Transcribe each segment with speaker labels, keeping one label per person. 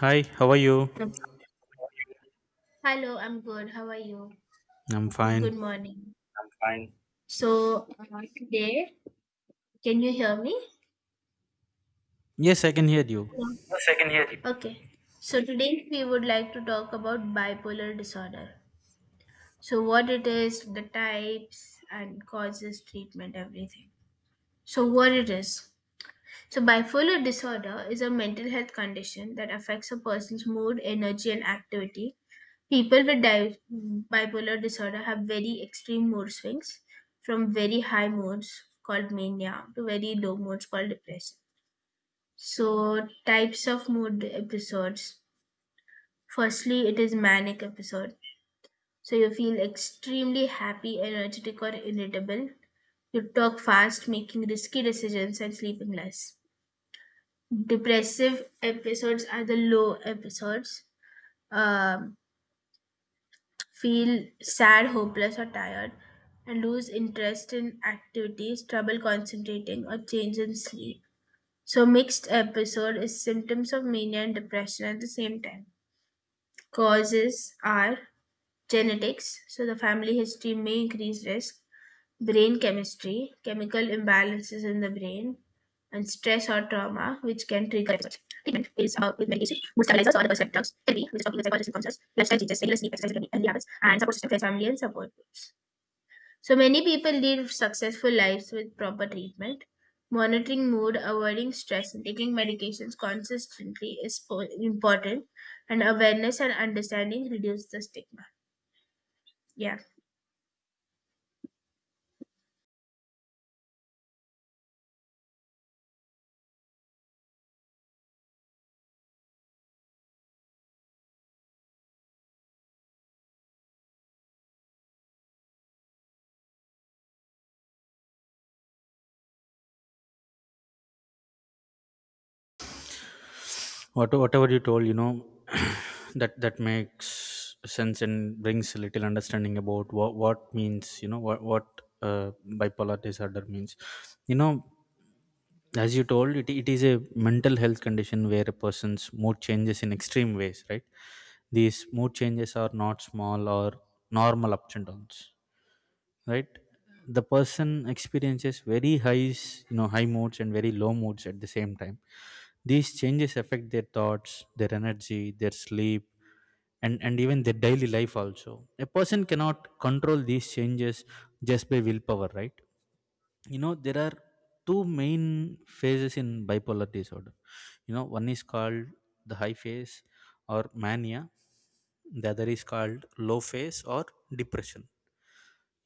Speaker 1: Hi, how are you?
Speaker 2: Um, Hello, I'm good. How are you?
Speaker 1: I'm
Speaker 2: Happy
Speaker 1: fine.
Speaker 2: good morning. I'm fine. So today, can you hear me?
Speaker 1: Yes, I can hear you.
Speaker 2: Hello. Yes, I can hear you. Okay. So, today we would like to talk about bipolar disorder. So, what it is, the types, and causes, treatment, everything. So, what it is? So, bipolar disorder is a mental health condition that affects a person's mood, energy, and activity. People with bipolar disorder have very extreme mood swings, from very high moods called mania to very low moods called depression. So, types of mood episodes. Firstly, it is manic episode. So, you feel extremely happy, energetic, or irritable. You talk fast, making risky decisions, and sleeping less. Depressive episodes are the low episodes. um, Feel sad, hopeless, or tired, and lose interest in activities, trouble concentrating, or change in sleep. So mixed episode is symptoms of mania and depression at the same time. Causes are genetics, so the family history may increase risk, brain chemistry, chemical imbalances in the brain, and stress or trauma, which can trigger it. Treatment is with medication, mood stabilizers or other symptoms, therapy, which is talking with psychologists and counselors, lifestyle changes, regular sleep, exercise, and habits, and support system, friends, family, and support groups. So many people live successful lives with proper treatment. Monitoring mood, avoiding stress, and taking medications consistently is important, and awareness and understanding reduce the stigma. Yeah.
Speaker 1: Whatever you told, that makes sense and brings a little understanding about what means, what bipolar disorder means. You know, as you told, it is a mental health condition where a person's mood changes in extreme ways, right? These mood changes are not small or normal ups and downs. Right, the person experiences very highs, high moods and very low moods at the same time. These changes affect their thoughts, their energy, their sleep, and even their daily life also. A person cannot control these changes just by willpower, right? There are two main phases in bipolar disorder. One is called the high phase or mania. The other is called low phase or depression.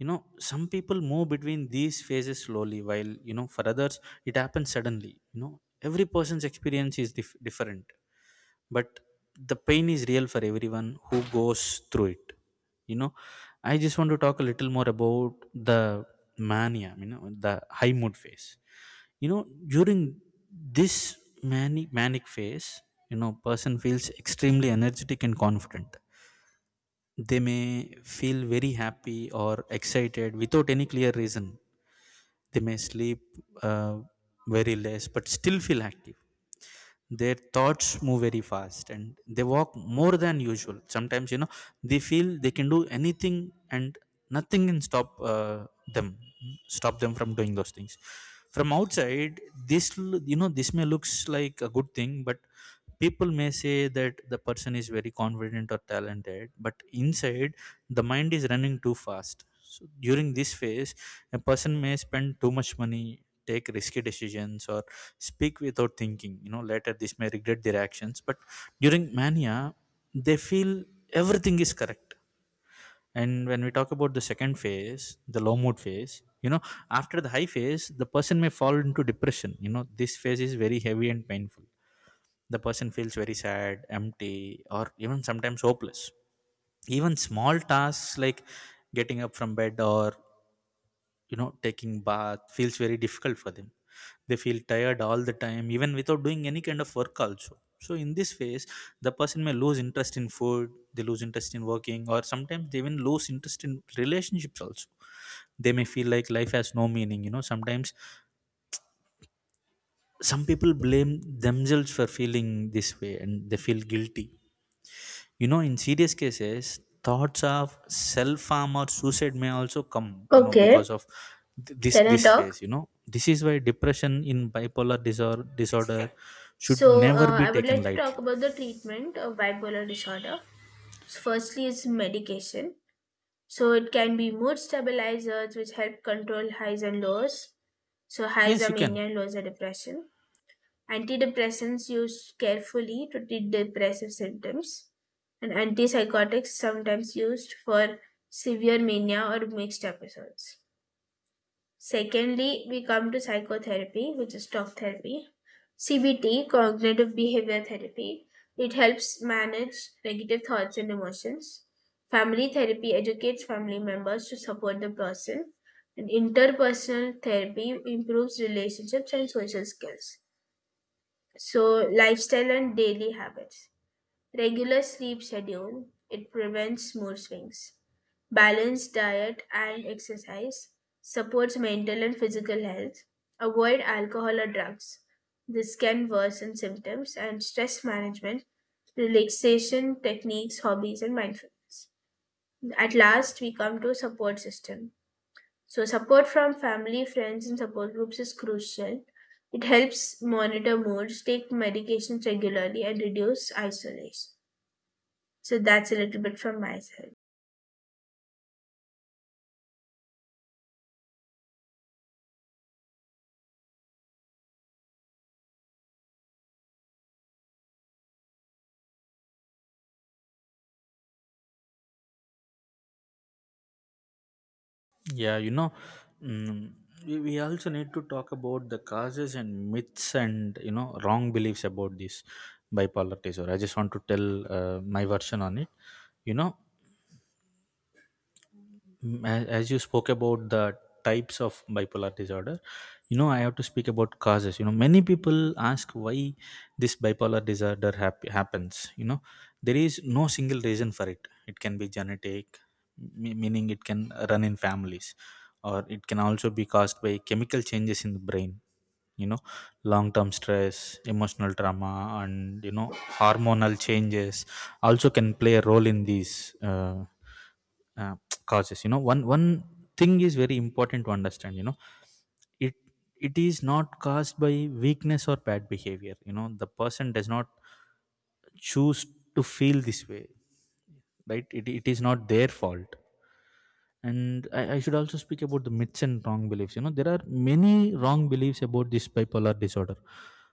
Speaker 1: you know some people move between these phases slowly, while, for others it happens suddenly. Every person's experience is different, but the pain is real for everyone who goes through it you know I just want to talk a little more about the mania, the high mood phase. you know during this manic phase, person feels extremely energetic and confident. They may feel very happy or excited without any clear reason. They may sleep, uh, very less, but still feel active. Their thoughts move very fast and they walk more than usual. Sometimes, they feel they can do anything and nothing can stop them, stop them from doing those things. From outside, this, l- you know, this may looks like a good thing, but people may say that the person is very confident or talented, but inside, the mind is running too fast. So during this phase, a person may spend too much money, take risky decisions, or speak without thinking. Later this may regret their actions, but during mania, they feel everything is correct. And when we talk about the second phase, the low mood phase, you know after the high phase, the person may fall into depression. This phase is very heavy and painful. The person feels very sad, empty, or even sometimes hopeless. Even small tasks like getting up from bed or, taking bath feels very difficult for them. They feel tired all the time, even without doing any kind of work also. So in this phase, the person may lose interest in food, they lose interest in working, or sometimes they even lose interest in relationships also. They may feel like life has no meaning. Sometimes some people blame themselves for feeling this way and they feel guilty. In serious cases, thoughts of self harm or suicide may also come, because
Speaker 2: Okay,
Speaker 1: of th- this
Speaker 2: can I
Speaker 1: this
Speaker 2: talk?
Speaker 1: phase. This is why depression in bipolar disorder should
Speaker 2: So,
Speaker 1: never
Speaker 2: uh,
Speaker 1: be
Speaker 2: I would
Speaker 1: taken
Speaker 2: like to talk
Speaker 1: lightly.
Speaker 2: about the treatment of bipolar disorder. So, firstly, is medication. So, it can be mood stabilizers, which help control highs and lows. So, highs
Speaker 1: Yes,
Speaker 2: are
Speaker 1: you can.
Speaker 2: mania, and lows are depression. Antidepressants used carefully to treat depressive symptoms, and antipsychotics sometimes used for severe mania or mixed episodes. Secondly, we come to psychotherapy, which is talk therapy. CBT, cognitive behavior therapy, it helps manage negative thoughts and emotions. Family therapy educates family members to support the person. And interpersonal therapy improves relationships and social skills. So, lifestyle and daily habits. Regular sleep schedule, it prevents mood swings. Balanced diet and exercise supports mental and physical health. Avoid alcohol or drugs. This can worsen symptoms and stress management, relaxation techniques, hobbies, and mindfulness. At last, we come to support system. So, support from family, friends, and support groups is crucial. It helps monitor moods, take medications regularly, and reduce isolation. So, that's a little bit from my side.
Speaker 1: Yeah, mm, we also need to talk about the causes and myths and, wrong beliefs about this bipolar disorder. I just want to tell, my version on it. You know, as you spoke about the types of bipolar disorder, I have to speak about causes. Many people ask why this bipolar disorder happens. There is no single reason for it. It can be genetic, meaning it can run in families, or it can also be caused by chemical changes in the brain. you know long term stress, emotional trauma, and, hormonal changes also can play a role in these, uh, causes. One thing is very important to understand. It it is not caused by weakness or bad behavior. The person does not choose to feel this way, right? It is not their fault. And I should also speak about the myths and wrong beliefs. There are many wrong beliefs about this bipolar disorder.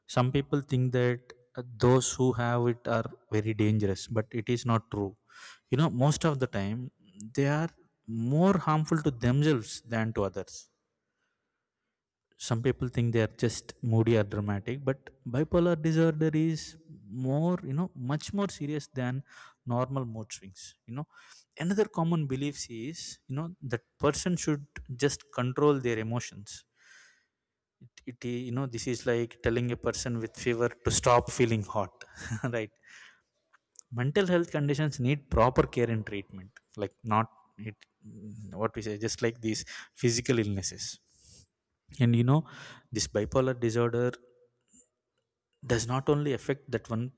Speaker 1: Some people think that, those who have it are very dangerous, but it is not true. Most of the time they are more harmful to themselves than to others. Some people think they are just moody or dramatic, but bipolar disorder is more you know much more serious than normal mood swings. Another common belief is, that person should just control their emotions. It you know This is like telling a person with fever to stop feeling hot right? Mental health conditions need proper care and treatment, like not, it, what we say, just like these physical illnesses. And, this bipolar disorder does not only affect that one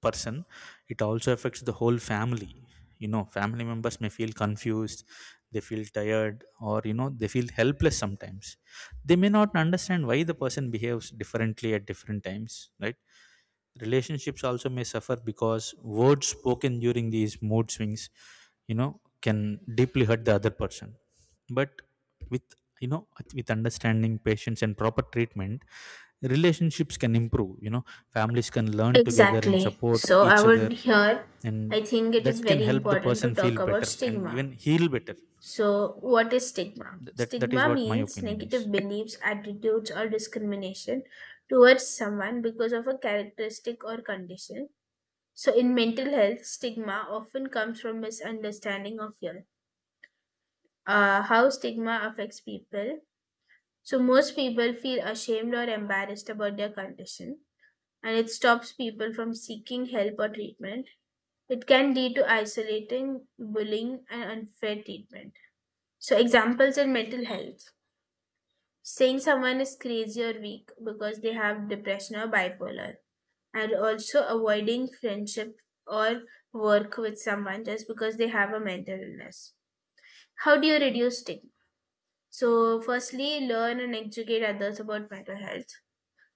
Speaker 1: person. It also affects the whole family. Family members may feel confused, they feel tired, or, they feel helpless sometimes. They may not understand why the person behaves differently at different times, right? Relationships also may suffer because words spoken during these mood swings, can deeply hurt the other person. But, with you know with understanding, patience, and proper treatment, relationships can improve. Families can learn together and
Speaker 2: Exactly.
Speaker 1: support
Speaker 2: So, I
Speaker 1: each other,
Speaker 2: would here,
Speaker 1: and
Speaker 2: I think it is
Speaker 1: that can
Speaker 2: very
Speaker 1: help the
Speaker 2: important to
Speaker 1: person feel
Speaker 2: talk about
Speaker 1: better and
Speaker 2: stigma.
Speaker 1: even heal better.
Speaker 2: So, what is stigma?
Speaker 1: That is
Speaker 2: Stigma
Speaker 1: what my
Speaker 2: means
Speaker 1: opinion is.
Speaker 2: negative beliefs, attitudes, or discrimination towards someone because of a characteristic or condition. So, in mental health, stigma often comes from misunderstanding of your, how stigma affects people. So, most people feel ashamed or embarrassed about their condition, and it stops people from seeking help or treatment. It can lead to isolating, bullying, and unfair treatment. So, examples in mental health, saying someone is crazy or weak because they have depression or bipolar, and also avoiding friendship or work with someone just because they have a mental illness. How do you reduce stigma? So, firstly, learn and educate others about mental health.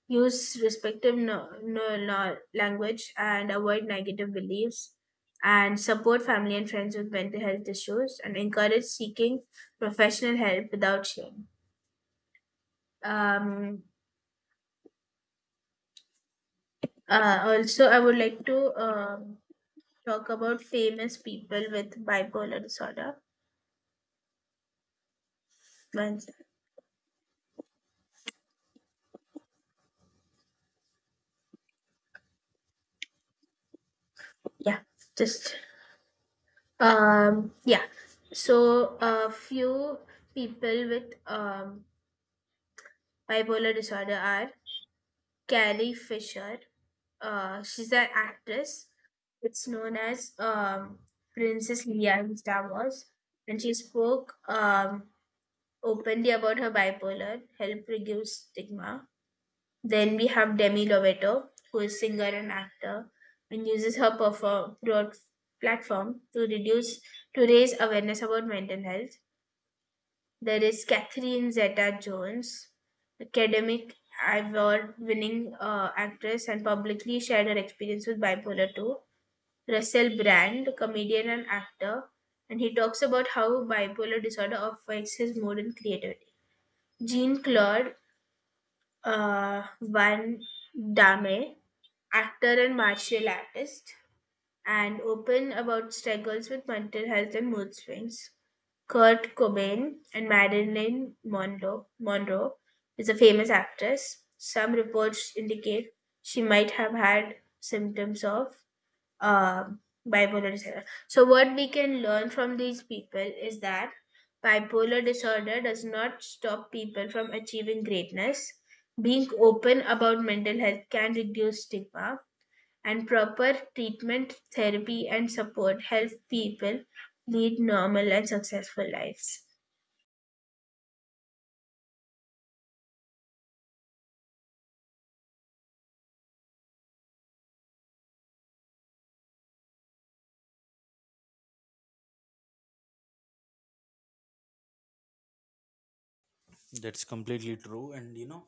Speaker 2: Use respectful no, no, no, language and avoid negative beliefs. And support family and friends with mental health issues and encourage seeking professional help without shame. Um, Also, I would like to talk about famous people with bipolar disorder. One sec. Yeah, just yeah. So a few people with bipolar disorder are Carrie Fisher. She's an actress. It's known as Princess Leia in Star Wars, and she spoke openly about her bipolar, help reduce stigma. Then we have Demi Lovato, who is singer and actor, and uses her perform broad platform to reduce to raise awareness about mental health. There is Catherine Zeta-Jones, academic award-winning actress, and publicly shared her experience with bipolar two. Russell Brand, comedian and actor, and he talks about how bipolar disorder affects his mood and creativity. Jean Claude Van Damme, actor and martial artist, and open about struggles with mental health and mood swings. Kurt Cobain and Marilyn Monroe. Is a famous actress. Some reports indicate she might have had symptoms of uh, bipolar disorder. So, what we can learn from these people is that bipolar disorder does not stop people from achieving greatness. Being open about mental health can reduce stigma, and proper treatment, therapy, and support help people lead normal and successful lives.
Speaker 1: That's completely true. And,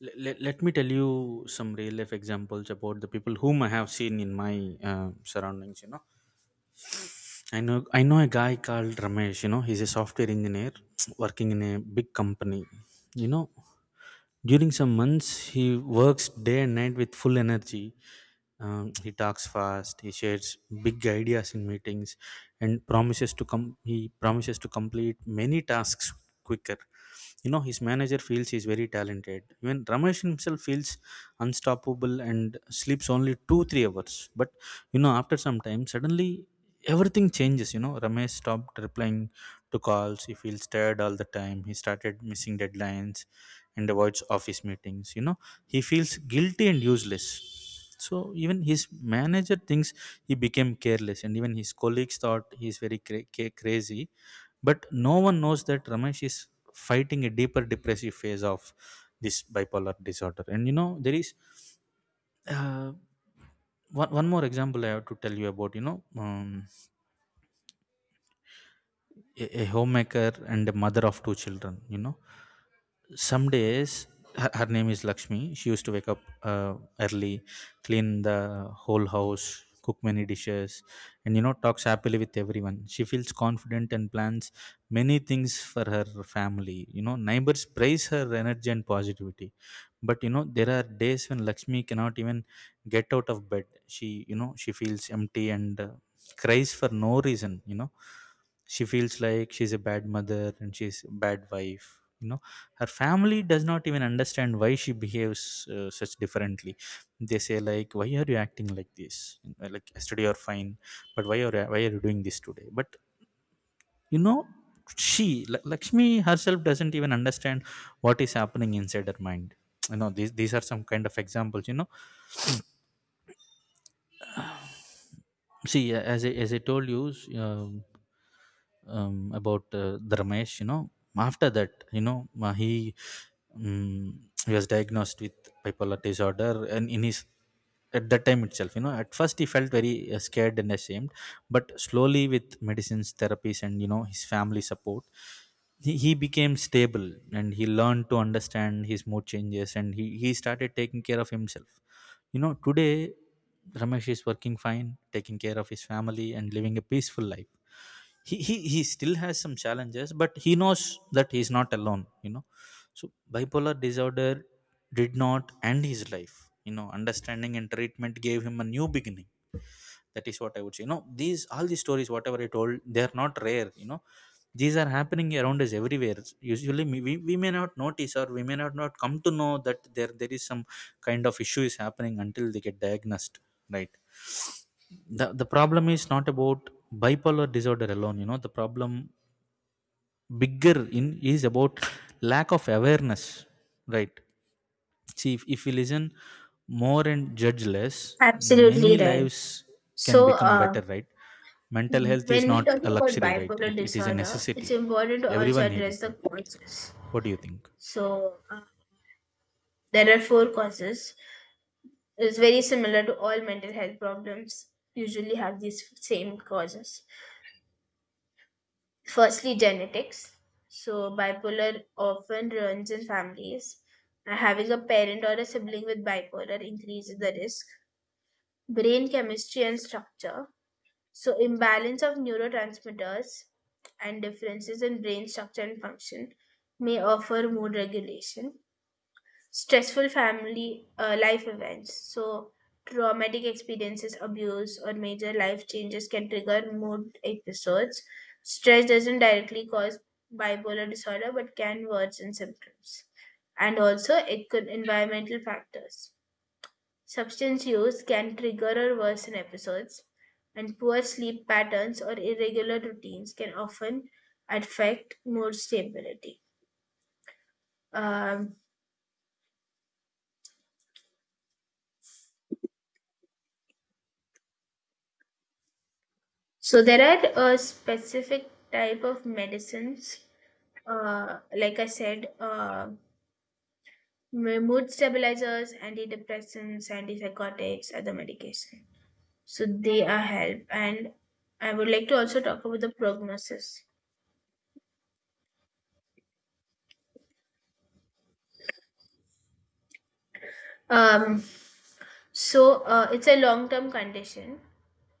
Speaker 1: let me tell you some real life examples about the people whom I have seen in my, surroundings. I know a guy called Ramesh. He's a software engineer working in a big company. You know, during some months he works day and night with full energy. He talks fast. He shares big ideas in meetings, and promises to come. He promises to complete many tasks quicker. His manager feels he's very talented. Even Ramesh himself feels unstoppable and sleeps only 2-3 hours. But, after some time, suddenly everything changes. Ramesh stopped replying to calls. He feels tired all the time. He started missing deadlines and avoids office meetings. He feels guilty and useless. So even his manager thinks he became careless, and even his colleagues thought he's very crazy. But no one knows that Ramesh is fighting a deeper depressive phase of this bipolar disorder. And, there is, uh, one more example I have to tell you about. Um, a homemaker and a mother of two children. Some days Her name is lakshmi. She used to wake up, uh, early, clean the whole house, cook many dishes, and, talks happily with everyone. She feels confident and plans many things for her family. Neighbors praise her energy and positivity. But, there are days when lakshmi cannot even get out of bed. She she feels empty and, cries for no reason. She feels like she's a bad mother and she's a bad wife you know Her family does not even understand why she behaves, such differently. They say, like, why are you acting like this? Like, yesterday you're fine, but why are you doing this today? But, you know she lakshmi herself doesn't even understand what is happening inside her mind. These are some kind of examples. See, as I told you, um, about, the Ramesh. After that, he was diagnosed with bipolar disorder, and in his at that time itself, at first he felt very, scared and ashamed. But slowly, with medicines, therapies, and, his family support, he became stable and he learned to understand his mood changes, and he started taking care of himself. Today Ramesh is working fine, taking care of his family and living a peaceful life. He still has some challenges, but he knows that he's not alone. So, bipolar disorder did not end his life. Understanding and treatment gave him a new beginning. That is what I would say. These stories, whatever I told, they are not rare. These are happening around us everywhere. Usually, we may not notice, or we may not come to know that there is some kind of issue is happening until they get diagnosed, right? The problem is not about bipolar disorder alone. The problem, bigger in is about lack of awareness, right? See, if we listen more and judge less, many
Speaker 2: Absolutely right.
Speaker 1: lives can
Speaker 2: So,
Speaker 1: become better,
Speaker 2: uh,
Speaker 1: right? Mental health
Speaker 2: when
Speaker 1: is
Speaker 2: we
Speaker 1: not
Speaker 2: talk
Speaker 1: a
Speaker 2: about
Speaker 1: luxury, right?
Speaker 2: bipolar
Speaker 1: It is a
Speaker 2: disorder,
Speaker 1: necessity.
Speaker 2: it's important to also
Speaker 1: Everyone need it,
Speaker 2: address the
Speaker 1: right?
Speaker 2: causes.
Speaker 1: What do you think?
Speaker 2: So, there are four causes. It's very similar to all mental health problems, usually have these same causes. Firstly, genetics. So, bipolar often runs in families. Having a parent or a sibling with bipolar increases the risk. Brain chemistry and structure. So, imbalance of neurotransmitters and differences in brain structure and function may offer mood regulation. Stressful family life events. So traumatic experiences, abuse, or major life changes can trigger mood episodes. Stress doesn't directly cause bipolar disorder, but can worsen symptoms. And also it could environmental factors. Substance use can trigger or worsen episodes, and poor sleep patterns or irregular routines can often affect mood stability. Um, So there are a specific type of medicines, like I said, mood stabilizers, antidepressants, antipsychotics, other medication. So they are help, and I would like to also talk about the prognosis. Um, so it's a long-term condition.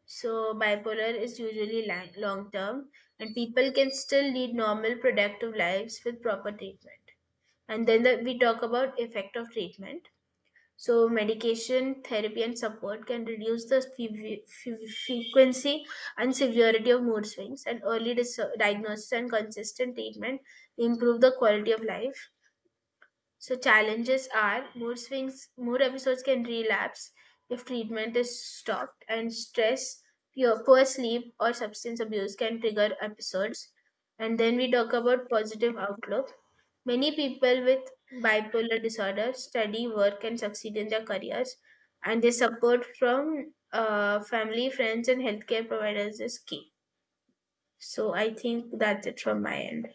Speaker 2: So bipolar is usually long term, and people can still lead normal productive lives with proper treatment. And then the, we talk about effect of treatment. So, medication, therapy, and support can reduce the frequency and severity of mood swings, and early diagnosis and consistent treatment improve the quality of life. So challenges are mood swings, mood episodes can relapse if treatment is stopped, and stress, poor sleep, or substance abuse can trigger episodes. And then we talk about positive outlook. Many people with bipolar disorder study, work, and succeed in their careers, and the support from family, friends, and healthcare providers is key. So I think that's it from my end.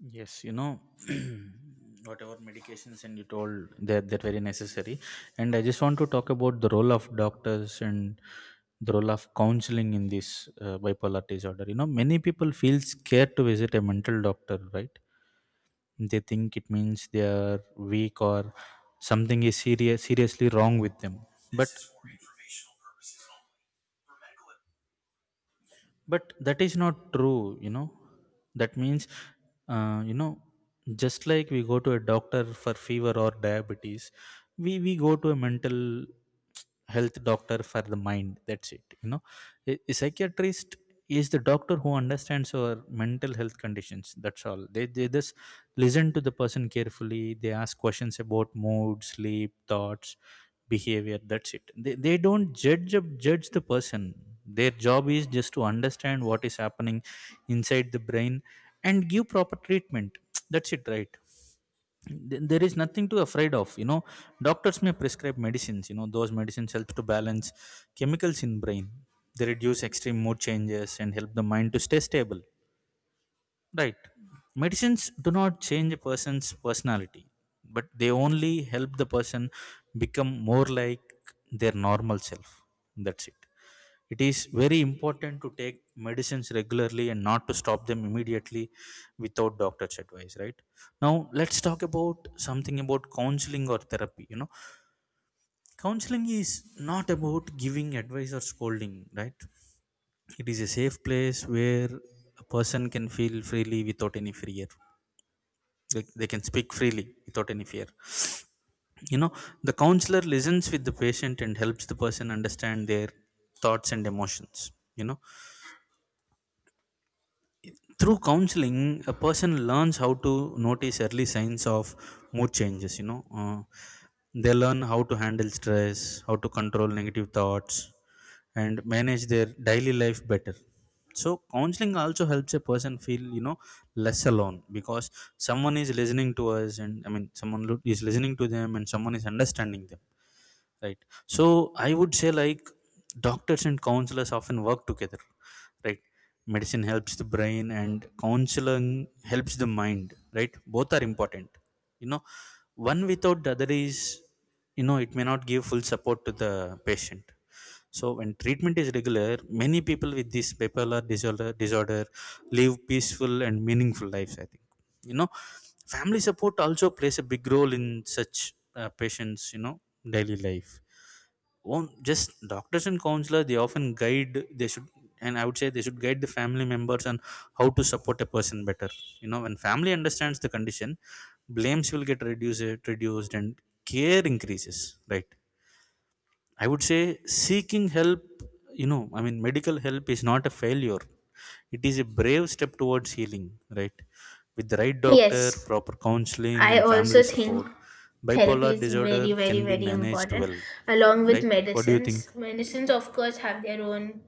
Speaker 1: Yes, you know, whatever medications and you told that very necessary. And I just want to talk about the role of doctors and the role of counseling in this bipolar disorder. You know, many people feel scared to visit a mental doctor, right? They think it means they are weak or something is seriously wrong with them but but that is not true, you know. That means uh, you know just like we go to a doctor for fever or diabetes, we go to a mental health doctor for the mind, that's it, you know. A psychiatrist is the doctor who understands our mental health conditions, that's all. They just listen to the person carefully, they ask questions about mood, sleep, thoughts, behavior, that's it. They don't judge the person. Their job is just to understand what is happening inside the brain and give proper treatment, that's it, right? There is nothing to afraid of, you know. Doctors may prescribe medicines, you know, those medicines help to balance chemicals in brain. They reduce extreme mood changes and help the mind to stay stable. Right. Medicines do not change a person's personality, but they only help the person become more like their normal self. That's it. It is very important to take medicines regularly and not to stop them immediately without doctor's advice, right? Now, let's talk about something about counseling or therapy. You know, counseling is not about giving advice or scolding, right? It is a safe place where a person can feel freely without any fear. They can speak freely without any fear you know the counselor listens with the patient and helps the person understand their thoughts and emotions. Through counseling, a person learns how to notice early signs of mood changes, they learn how to handle stress, how to control negative thoughts, and manage their daily life better. So counseling also helps a person feel less alone because someone is listening to us, and someone is listening to them and someone is understanding them, right? So I would say, doctors and counselors often work together, right? Medicine helps the brain and counseling helps the mind, right? Both are important. You know, one without the other is, you know, it may not give full support to the patient. So when treatment is regular, many people with this bipolar disorder live peaceful and meaningful lives, I think. You know, family support also plays a big role in such patients' you know, daily life. Won't just doctors and counselors, they often guide they should and I would say they should guide the family members on how to support a person better. You know, when family understands the condition, blames will get reduced and care increases, right? I would say seeking help, medical help is not a failure. It is a brave step towards healing, right? With the right doctor,
Speaker 2: Yes,
Speaker 1: proper counseling,
Speaker 2: I
Speaker 1: and family
Speaker 2: also
Speaker 1: support,
Speaker 2: think therapy
Speaker 1: bipolar
Speaker 2: is very,
Speaker 1: disorder
Speaker 2: very,
Speaker 1: can be
Speaker 2: very
Speaker 1: managed
Speaker 2: important,
Speaker 1: well,
Speaker 2: along with
Speaker 1: right? What do you think?
Speaker 2: medicines. Medicines, of course, have their own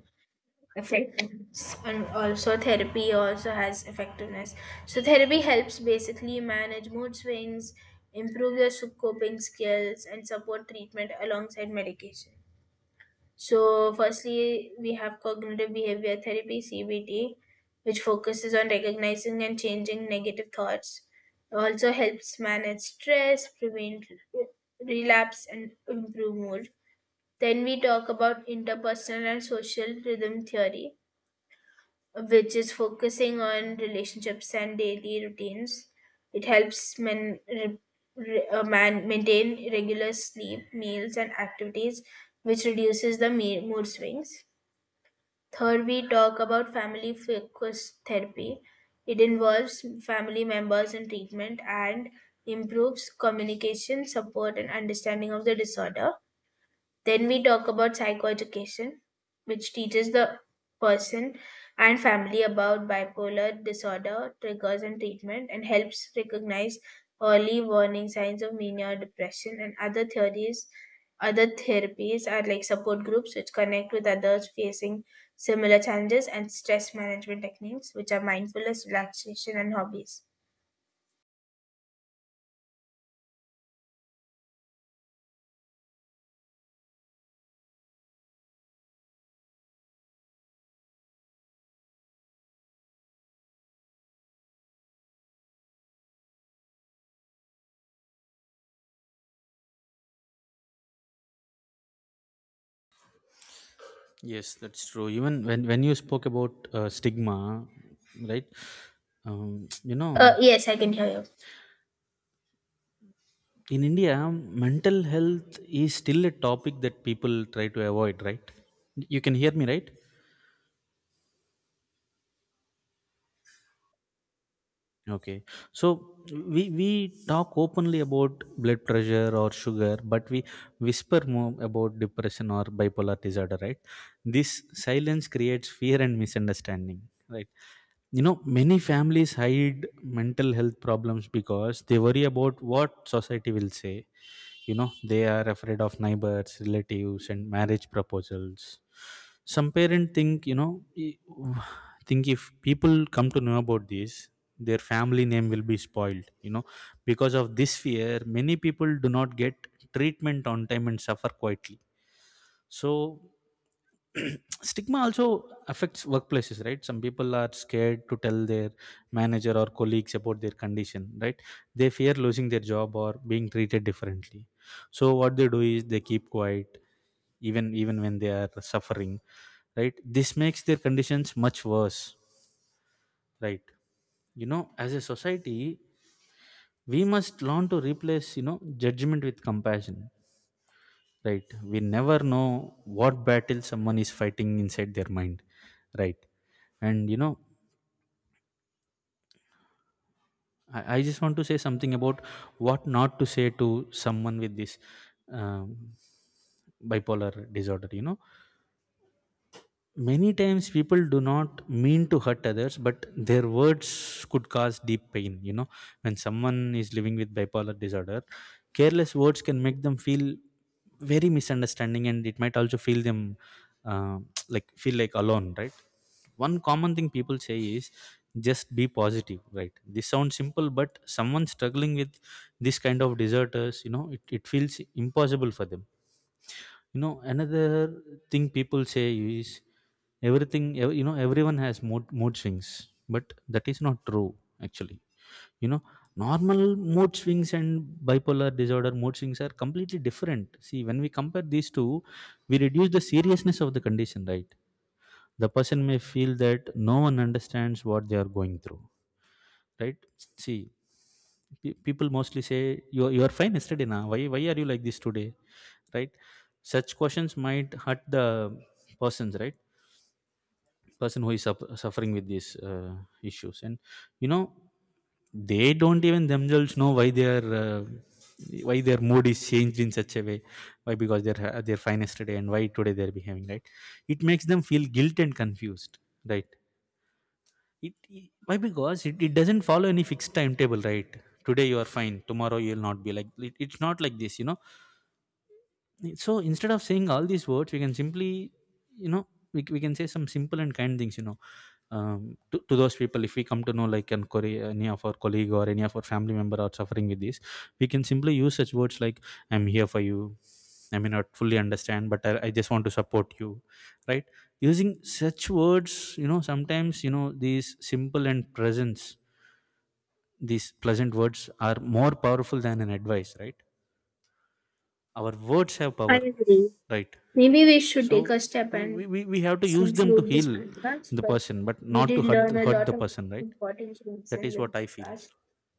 Speaker 2: effectiveness, and also therapy also has effectiveness. So, therapy helps basically manage mood swings, improve your coping skills, and support treatment alongside medication. So, firstly, we have cognitive behavior therapy (CBT), which focuses on recognizing and changing negative thoughts. It also helps manage stress, prevent relapse, and improve mood. Then we talk about interpersonal and social rhythm theory, which is focusing on relationships and daily routines. It helps men re, re- man maintain regular sleep, meals, and activities, which reduces the mood swings. Third, we talk about family focused therapy. It involves family members in treatment and improves communication, support, and understanding of the disorder. Then we talk about psychoeducation, which teaches the person and family about bipolar disorder, triggers and treatment, and helps recognize early warning signs of mania or depression. And other theories, other therapies are like support groups, which connect with others facing similar challenges, and stress management techniques, which are mindfulness, relaxation, and hobbies.
Speaker 1: Yes, that's true. Even when you spoke about stigma, right? You know,
Speaker 2: Yes, I can hear you.
Speaker 1: in India, mental health is still a topic that people try to avoid, right? You can hear me, right? Okay. So we talk openly about blood pressure or sugar, but we whisper more about depression or bipolar disorder, right? This silence creates fear and misunderstanding, right? You know, many families hide mental health problems because they worry about what society will say. You know, they are afraid of neighbors, relatives, and marriage proposals. Some parents think, you know, think if people come to know about this, their family name will be spoiled, you know. Because of this fear, many people do not get treatment on time and suffer quietly. So stigma also affects workplaces, right? Some people are scared to tell their manager or colleagues about their condition, right? They fear losing their job or being treated differently. So what they do is they keep quiet, even when they are suffering, right? This makes their conditions much worse, right? You know, as a society, we must learn to replace, you know, judgment with compassion, right? We never know what battle someone is fighting inside their mind, right? And you know, I just want to say something about what not to say to someone with this um, bipolar disorder, you know. Many times people do not mean to hurt others, but their words could cause deep pain. You know, when someone is living with bipolar disorder, careless words can make them feel very misunderstanding and it might also feel them uh, like feel like alone, right? One common thing people say is just be positive, right? This sounds simple, but someone struggling with this kind of disorders, you know, it feels impossible for them, you know. Another thing people say is you know, everyone has mood swings, but that is not true actually, you know. Normal mood swings and bipolar disorder mood swings are completely different. See, when we compare these two, we reduce the seriousness of the condition, right? The person may feel that no one understands what they are going through, right? See, people mostly say you are fine yesterday, now why are you like this today, right? Such questions might hurt the persons right person who is suffering with these issues and you know, they don't even themselves know why their mood is changed in such a way, why, because they're they're fine yesterday and why today they're behaving, right? It makes them feel guilt and confused, right? Why, because it doesn't follow any fixed timetable, right? Today you are fine, tomorrow you will not be like it's not like this, you know. So instead of saying all these words, we can simply, you know, we can say some simple and kind things, you know. To those people, if we come to know like any of our colleague or any of our family member are suffering with this, we can simply use such words like I'm here for you, I may not fully understand, but I just want to support you, right? Using such words, you know, sometimes, you know, these simple and presence, these pleasant words are more powerful than an advice, right? Our words have
Speaker 2: I
Speaker 1: power,
Speaker 2: agree.
Speaker 1: right?
Speaker 2: Maybe we should
Speaker 1: So,
Speaker 2: take a step and
Speaker 1: we have to use them to
Speaker 2: conclude this
Speaker 1: heal
Speaker 2: podcast,
Speaker 1: the
Speaker 2: but
Speaker 1: person, but
Speaker 2: we
Speaker 1: not to
Speaker 2: did learn a
Speaker 1: hurt the
Speaker 2: lot of
Speaker 1: person, right?
Speaker 2: important things
Speaker 1: That
Speaker 2: in
Speaker 1: is
Speaker 2: the
Speaker 1: what I feel.
Speaker 2: podcast,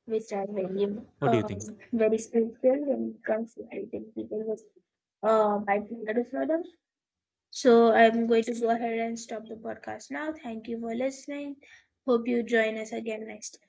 Speaker 2: which are very,
Speaker 1: What do you
Speaker 2: um,
Speaker 1: think?
Speaker 2: very spiritual when it comes to treating people with bipolar disorder. So I'm going to go ahead and stop the podcast now. Thank you for listening. Hope you join us again next